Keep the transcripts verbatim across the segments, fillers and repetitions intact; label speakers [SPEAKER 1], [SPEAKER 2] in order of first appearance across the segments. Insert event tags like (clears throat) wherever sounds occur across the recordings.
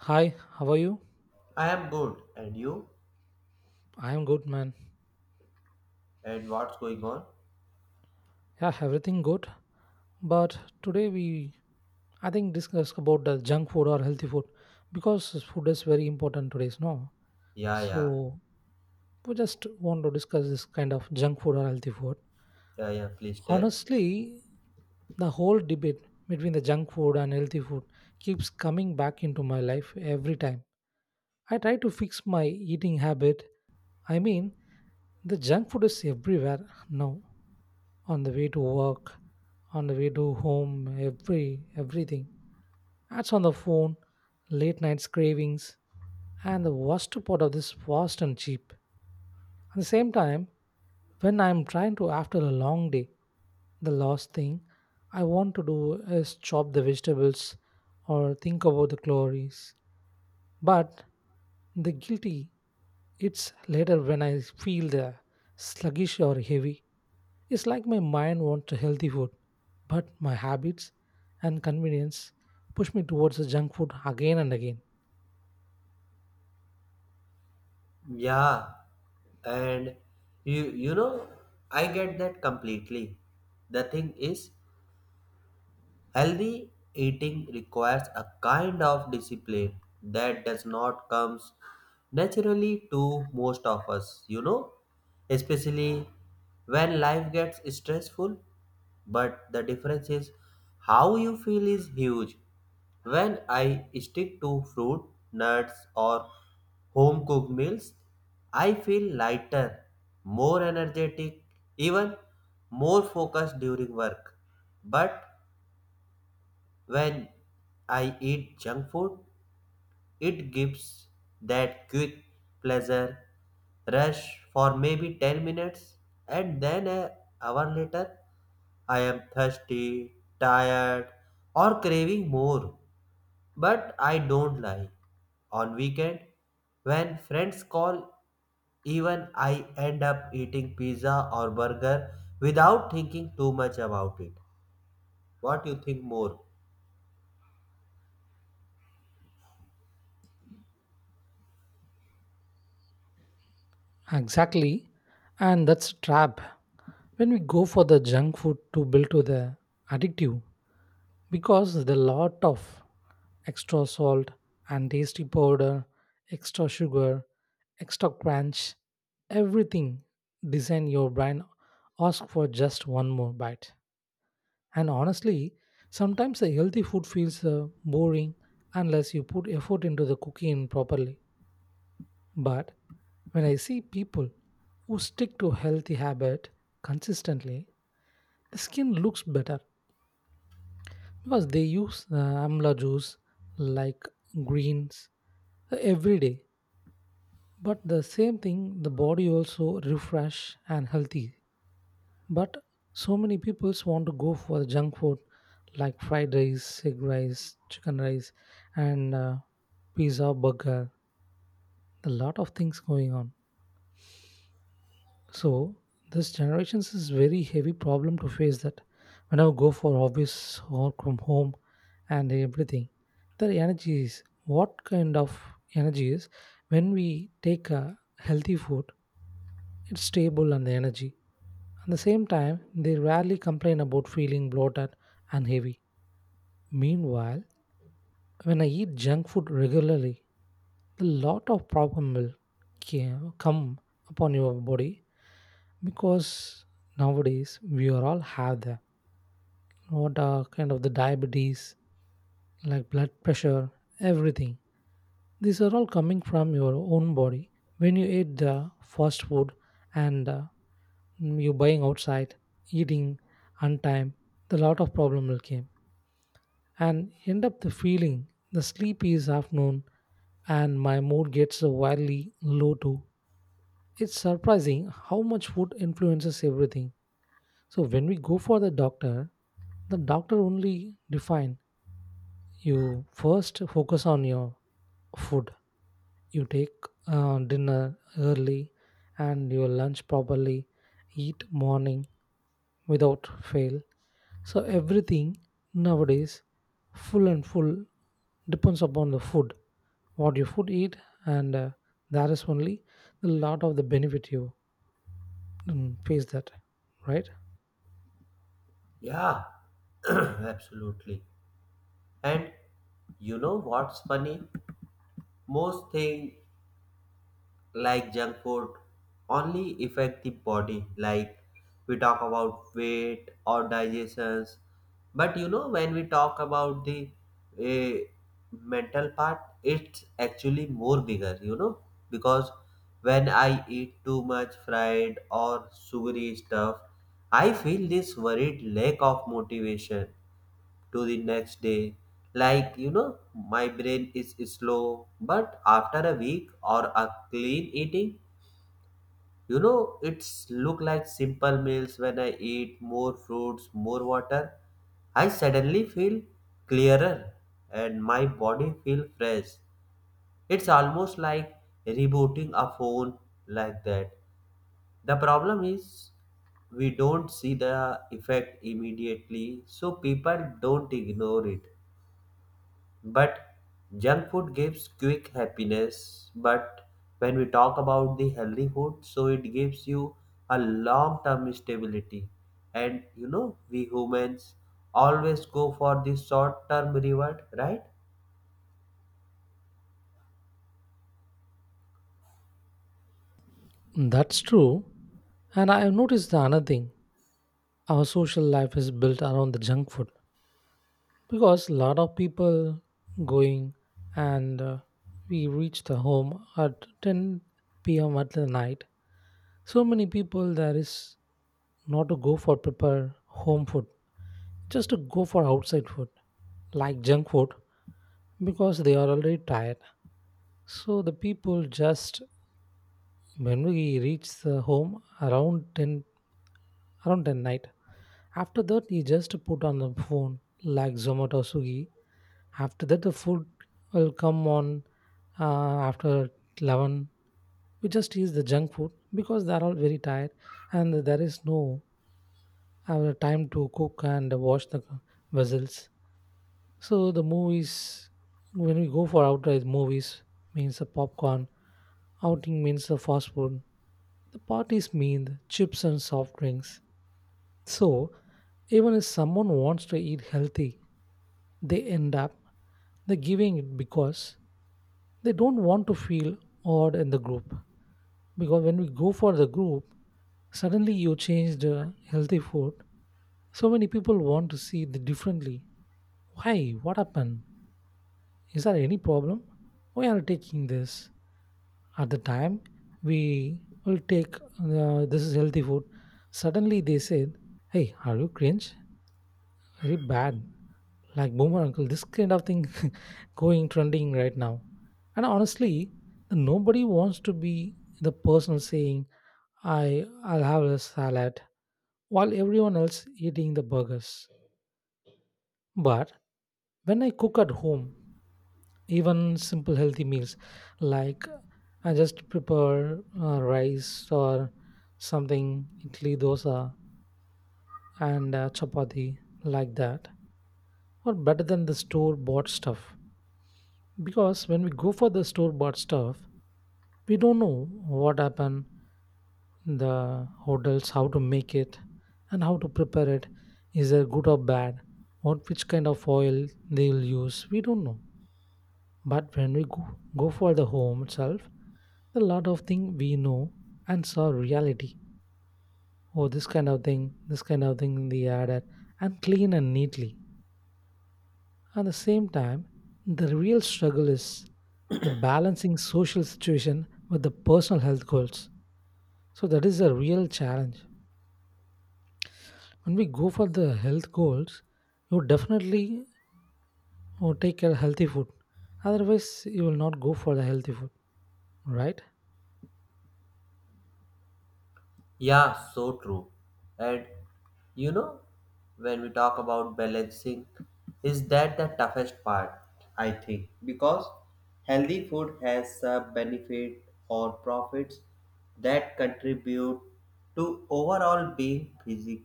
[SPEAKER 1] Hi, how are you?
[SPEAKER 2] I am good. And you?
[SPEAKER 1] I am good, man.
[SPEAKER 2] And what's going on?
[SPEAKER 1] Yeah, everything good. But today we, I think, discuss about the junk food or healthy food because food is very important today's no.
[SPEAKER 2] Yeah, yeah,
[SPEAKER 1] So we just want to discuss this kind of junk food or healthy food.
[SPEAKER 2] yeah, yeah, please tell.
[SPEAKER 1] Honestly, the whole debate between the junk food and healthy food keeps coming back into my life every time. I try to fix my eating habit. I mean, the junk food is everywhere now on the way to work, on the way to home, every everything. Ads on the phone, late nights cravings, and the worst part of this fast and cheap. At the same time, when I'm trying to after a long day, the last thing I want to do is chop the vegetables or think about the calories. But the guilty it's later when I feel the sluggish or heavy. It's like my mind wants a healthy food, but my habits and convenience push me towards the junk food again and again.
[SPEAKER 2] Yeah, and you, you know, I get that completely. The thing is, healthy eating requires a kind of discipline that does not comes naturally to most of us, you know, especially when life gets stressful. But the difference is how you feel is huge. When I stick to fruit, nuts, or home cooked meals, I feel lighter, more energetic, even more focused during work. But when I eat junk food, it gives that quick pleasure rush for maybe ten minutes, and then an hour later, I am thirsty, tired, or craving more. But I don't lie. On weekend, when friends call, even I end up eating pizza or burger without thinking too much about it. What you think more?
[SPEAKER 1] Exactly, and that's a trap. When we go for the junk food to build to the addictive, because the lot of extra salt and tasty powder, extra sugar, extra crunch, everything design your brain ask for just one more bite. And honestly, sometimes the healthy food feels uh, boring unless you put effort into the cooking properly. But when I see people who stick to healthy habit consistently, the skin looks better because they use uh, amla juice like greens uh, every day. But the same thing, the body also refresh and healthy. But so many people want to go for the junk food like fried rice, egg rice, chicken rice, and uh, pizza, burger. A lot of things going on. So this generations is very heavy problem to face that when I go for office or from home and everything, the energy is what kind of energy is when we take a healthy food, it's stable and the energy. At the same time, they rarely complain about feeling bloated and heavy. Meanwhile, when I eat junk food regularly, a lot of problem will ca- come upon your body because nowadays we are all have that. What are kind of the diabetes, like blood pressure, everything. These are all coming from your own body when you eat the fast food and uh, you buying outside, eating on time. The lot of problem will come. And end up the feeling the sleepy is afternoon and my mood gets wildly low too. It's surprising how much food influences everything. So when we go for the doctor, the doctor only define you first focus on your food. You take uh, dinner early and your lunch properly, eat morning without fail. So everything nowadays, full and full, depends upon the food, what you food eat, and uh, that is only a lot of the benefit you mm, face that, right?
[SPEAKER 2] Yeah, (clears throat) absolutely. And you know what's funny? Most things like junk food only affect the body. Like we talk about weight or digestions, but you know when we talk about the uh, mental part, it's actually more bigger. You know, because when I eat too much fried or sugary stuff, I feel this worried lack of motivation to the next day. Like, you know, my brain is slow, but after a week or a clean eating, you know, it's look like simple meals when I eat more fruits, more water. I suddenly feel clearer and my body feel fresh. It's almost like rebooting a phone like that. The problem is we don't see the effect immediately, so people don't ignore it. But junk food gives quick happiness. But when we talk about the healthy food, so it gives you a long term stability. And you know, we humans always go for the short term reward, right?
[SPEAKER 1] Mm, That's true. And I have noticed the another thing. Our social life is built around the junk food. Because a lot of people going and uh, we reach the home at ten p m at the night. So many people there is not to go for prepare home food, just to go for outside food like junk food because they are already tired. So the people just when we reach the home around ten around ten night. After that, you just put on the phone like Zomato Sugi after that, the food will come on uh, after eleven. We just eat the junk food because they are all very tired and there is no uh, time to cook and wash the vessels. So the movies, when we go for outright movies, means the popcorn. Outing means the fast food. The parties mean the chips and soft drinks. So even if someone wants to eat healthy, they end up the giving it because they don't want to feel odd in the group because when we go for the group, suddenly you change the healthy food. So many people want to see the differently. Why? What happened? Is there any problem? We are taking this? At the time, we will take uh, this is healthy food. Suddenly they said, "Hey, are you cringe? Very bad." Like boomer uncle this kind of thing (laughs) going trending right now and honestly nobody wants to be the person saying i i'll have a salad while everyone else eating the burgers. But when I cook at home, even simple healthy meals, like I just prepare uh, rice or something, idli dosa and uh, chapati, like that or better than the store bought stuff. Because when we go for the store bought stuff we don't know what happened, the hotels how to make it and how to prepare it, is it good or bad, what which kind of oil they will use we don't know. But when we go, go for the home itself, a lot of thing we know and saw reality. Oh, this kind of thing this kind of thing they added, and clean and neatly. At the same time, the real struggle is the balancing social situation with the personal health goals. So that is a real challenge. When we go for the health goals you definitely uh, take a healthy food, otherwise you will not go for the healthy food, right?
[SPEAKER 2] Yeah, so true. And you know, when we talk about balancing, is that the toughest part, I think, because healthy food has a benefit or profits that contribute to overall being physical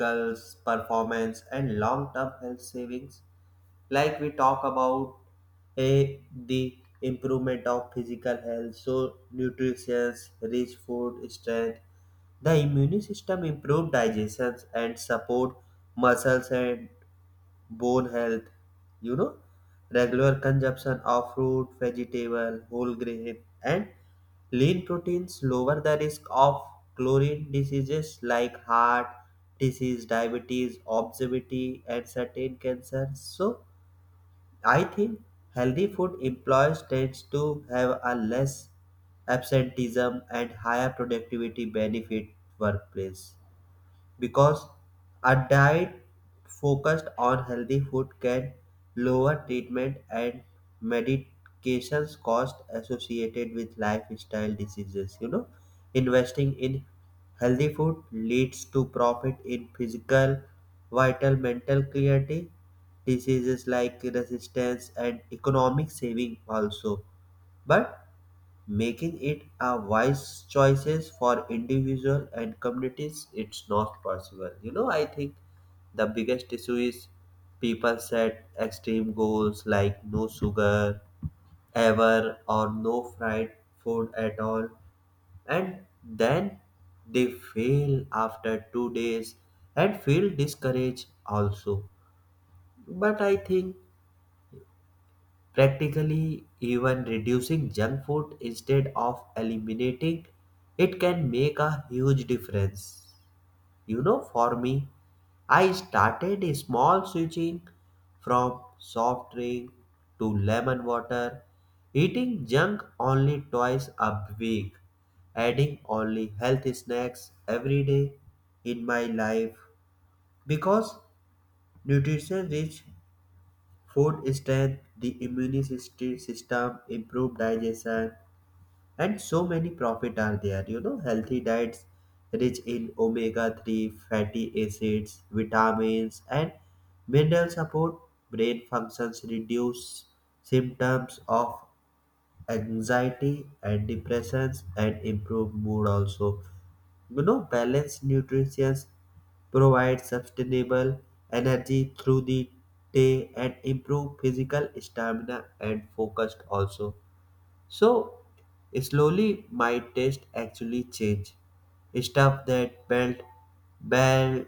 [SPEAKER 2] performance and long-term health savings, like we talk about a the improvement of physical health, so nutrition rich food strength the immune system, improve digestion and support muscles and bone health. You know, regular consumption of fruit, vegetable, whole grain, and lean proteins lower the risk of chlorine diseases like heart disease, diabetes, obesity, and certain cancers. So I think healthy food employers tends to have a less absenteeism and higher productivity benefit workplace, because a diet focused on healthy food can lower treatment and medications cost associated with lifestyle diseases. You know, investing in healthy food leads to profit in physical vital, mental clarity, diseases like resistance, and economic saving also. But making it a wise choices for individual and communities, it's not possible. You know, I think the biggest issue is people set extreme goals like no sugar ever or no fried food at all, and then they fail after two days and feel discouraged also. But I think practically, even reducing junk food instead of eliminating it can make a huge difference. You know, for me, I started a small switching from soft drink to lemon water, eating junk only twice a week, adding only healthy snacks every day in my life, because nutrition rich food strength, the immune syst- system, improved digestion, and so many profit are there. You know, healthy diets rich in omega three fatty acids, vitamins, and mineral support brain functions, reduce symptoms of anxiety and depressions and improve mood also. You know, balanced nutrition provides sustainable energy through the day and improve physical stamina and focus also. So slowly my taste actually changed. Stuff that felt bad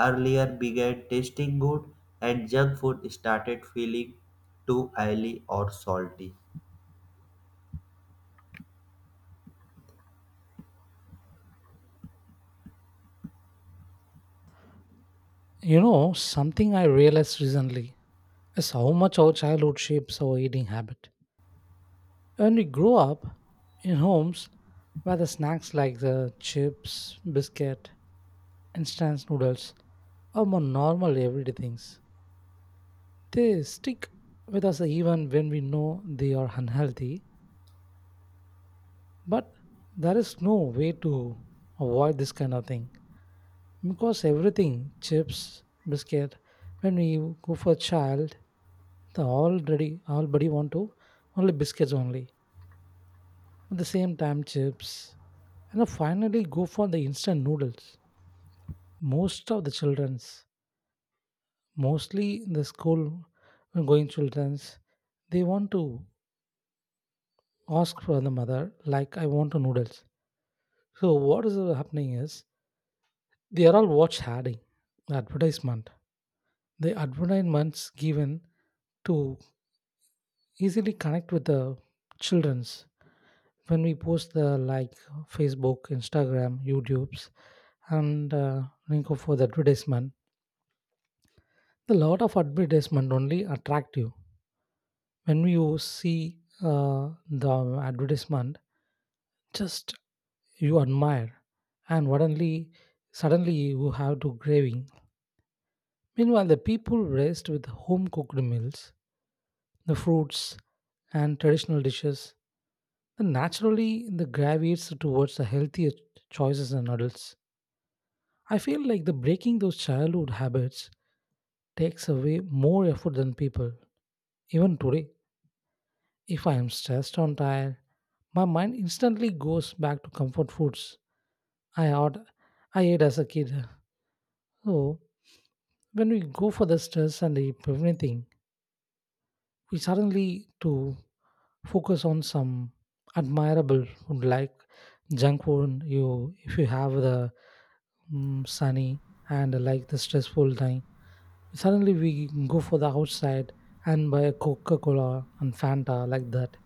[SPEAKER 2] earlier began tasting good and junk food started feeling too oily or salty.
[SPEAKER 1] You know something I realized recently is how much our childhood shapes our eating habit. When we grow up in homes where the snacks like the chips, biscuit, instant noodles are more normal everyday things, they stick with us even when we know they are unhealthy. But there is no way to avoid this kind of thing because everything chips, biscuit. When we go for child, the already already want to only biscuits only. At the same time, chips, and then finally go for the instant noodles. Most of the childrens, mostly the school going childrens, they want to ask for the mother like I want a noodles. So what is happening is they are all watch adding advertisement, the advertisements given to easily connect with the children's when we post the like facebook instagram youtube's and uh, link up for the advertisement. The lot of advertisement only attract you when you see uh, the advertisement, just you admire and suddenly suddenly you have to craving. Meanwhile, the people raised with home cooked meals, the fruits and traditional dishes, then naturally the gravitates towards the healthier choices in adults. I feel like the breaking those childhood habits takes away more effort than people. Even today, if I am stressed or tired, my mind instantly goes back to comfort foods I had, I ate as a kid. So when we go for the stress and the everything, we suddenly to focus on some admirable food like junk food you if you have the mm sunny and like the stressful time, suddenly we go for the outside and buy a coca-cola and fanta like that,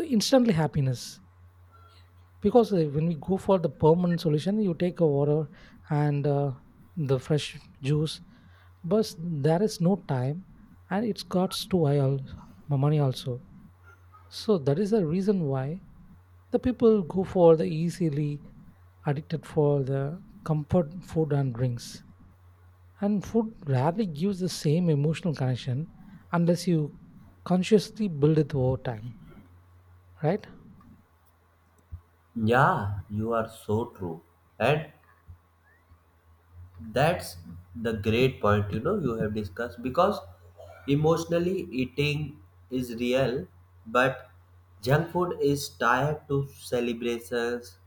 [SPEAKER 1] the instantly happiness. Because uh, when we go for the permanent solution you take a water and uh, the fresh juice, but there is no time and it's costs too high al- money also. So that is the reason why the people go for the easily addicted for the comfort food and drinks. And food rarely gives the same emotional connection unless you consciously build it over time, right?
[SPEAKER 2] Yeah, you are so true. And that's the great point, you know, you have discussed, because emotionally eating is real, but junk food is tied to celebrations,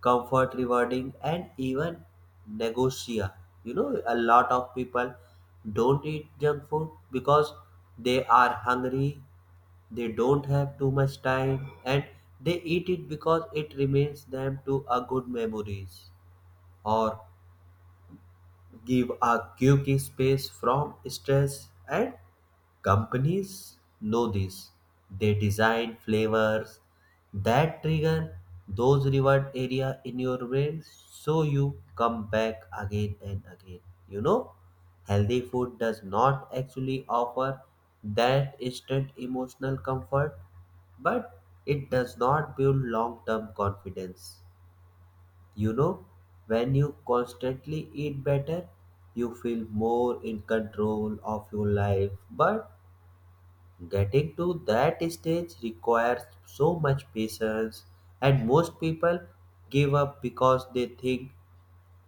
[SPEAKER 2] comfort rewarding, and even negotia. You know, a lot of people don't eat junk food because they are hungry, they don't have too much time, and they eat it because it remains them to a good memories or give a quick space from stress. And companies know this. They design flavors that trigger those reward area in your brain so you come back again and again. You know, healthy food does not actually offer that instant emotional comfort, but it does not build long term confidence. You know, when you constantly eat better, you feel more in control of your life. But getting to that stage requires so much patience, and most people give up because they think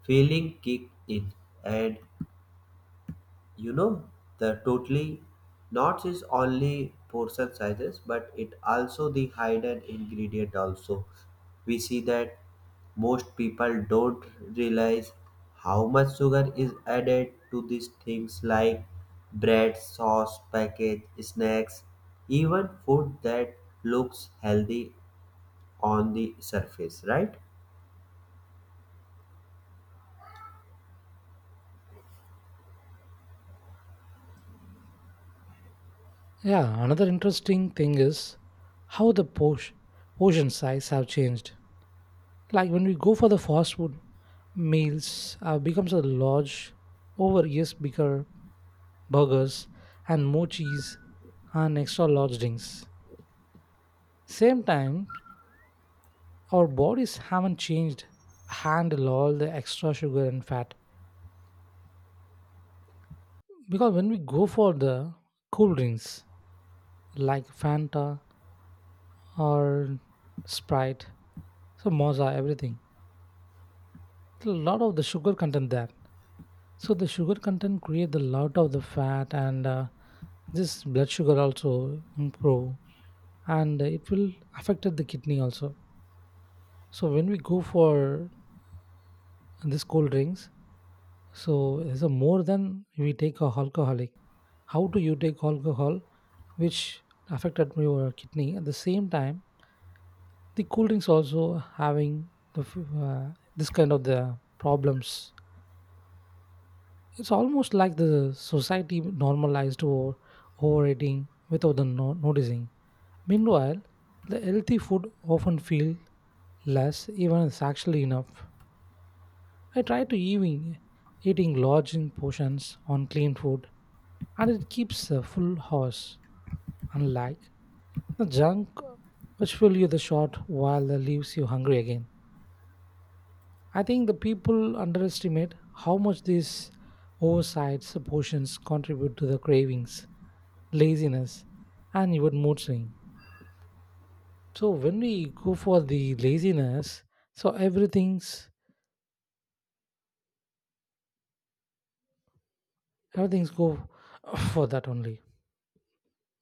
[SPEAKER 2] feeling kicked in. And you know, the totally not is only portion sizes, but it also the hidden ingredient also. We see that most people don't realize how much sugar is added to these things like bread, sauce, package, snacks, even food that looks healthy on the surface, right?
[SPEAKER 1] Yeah, another interesting thing is how the posh, portion size have changed. Like when we go for the fast food meals, uh, becomes a large, over years bigger burgers and more cheese and extra large drinks. Same time, our bodies haven't changed handle all the extra sugar and fat. Because when we go for the cool drinks like fanta or sprite so moza everything, a lot of the sugar content there, so the sugar content create a lot of the fat and uh, this blood sugar also improve and it will affect the kidney also. So when we go for this cold drinks, so, so more than we take a alcoholic, how do you take alcohol, which affected your kidney? At the same time, the cool drinks also having the f- uh, this kind of the problems. It's almost like the society normalized over overeating without the no- noticing. Meanwhile, the healthy food often feel less, even it's actually enough. I try to even eating large in portions on clean food and it keeps a full house, unlike the junk which fill you the short while that leaves you hungry again. I think the people underestimate how much these oversized portions contribute to the cravings, laziness, and even mood swing. So when we go for the laziness, so everything's everything's go for that only.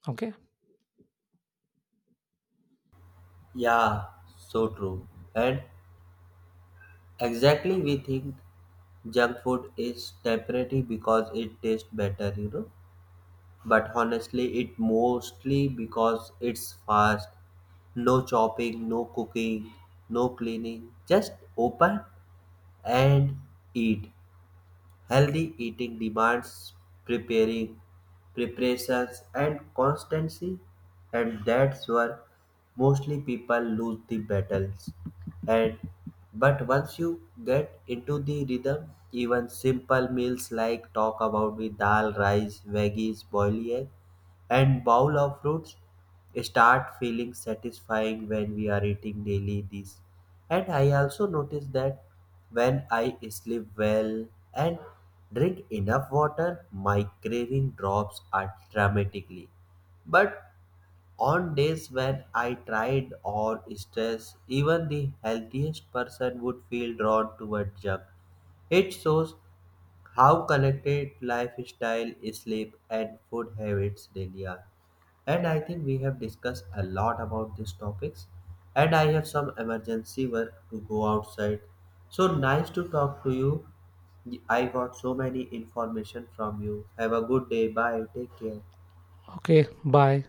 [SPEAKER 1] Okay.
[SPEAKER 2] Yeah, so true. And exactly, we think junk food is temporary because it tastes better, you know. But honestly, it mostly because it's fast. No chopping, no cooking, no cleaning. Just open and eat. Healthy eating demands preparing, preparations, and constancy, and that's where mostly people lose the battles. And but once you get into the rhythm, even simple meals like talk about with dal, rice, veggies, boiled, egg, and bowl of fruits start feeling satisfying when we are eating daily these. And I also notice that when I sleep well and drink enough water my craving drops are dramatically. But on days when I tried or stress, even the healthiest person would feel drawn toward junk. It shows how connected lifestyle sleep and food habits really are. And I think we have discussed a lot about these topics. And I have some emergency work to go outside. So nice to talk to you. I got so many information from you. Have a good day. Bye. Take care.
[SPEAKER 1] Okay. Bye.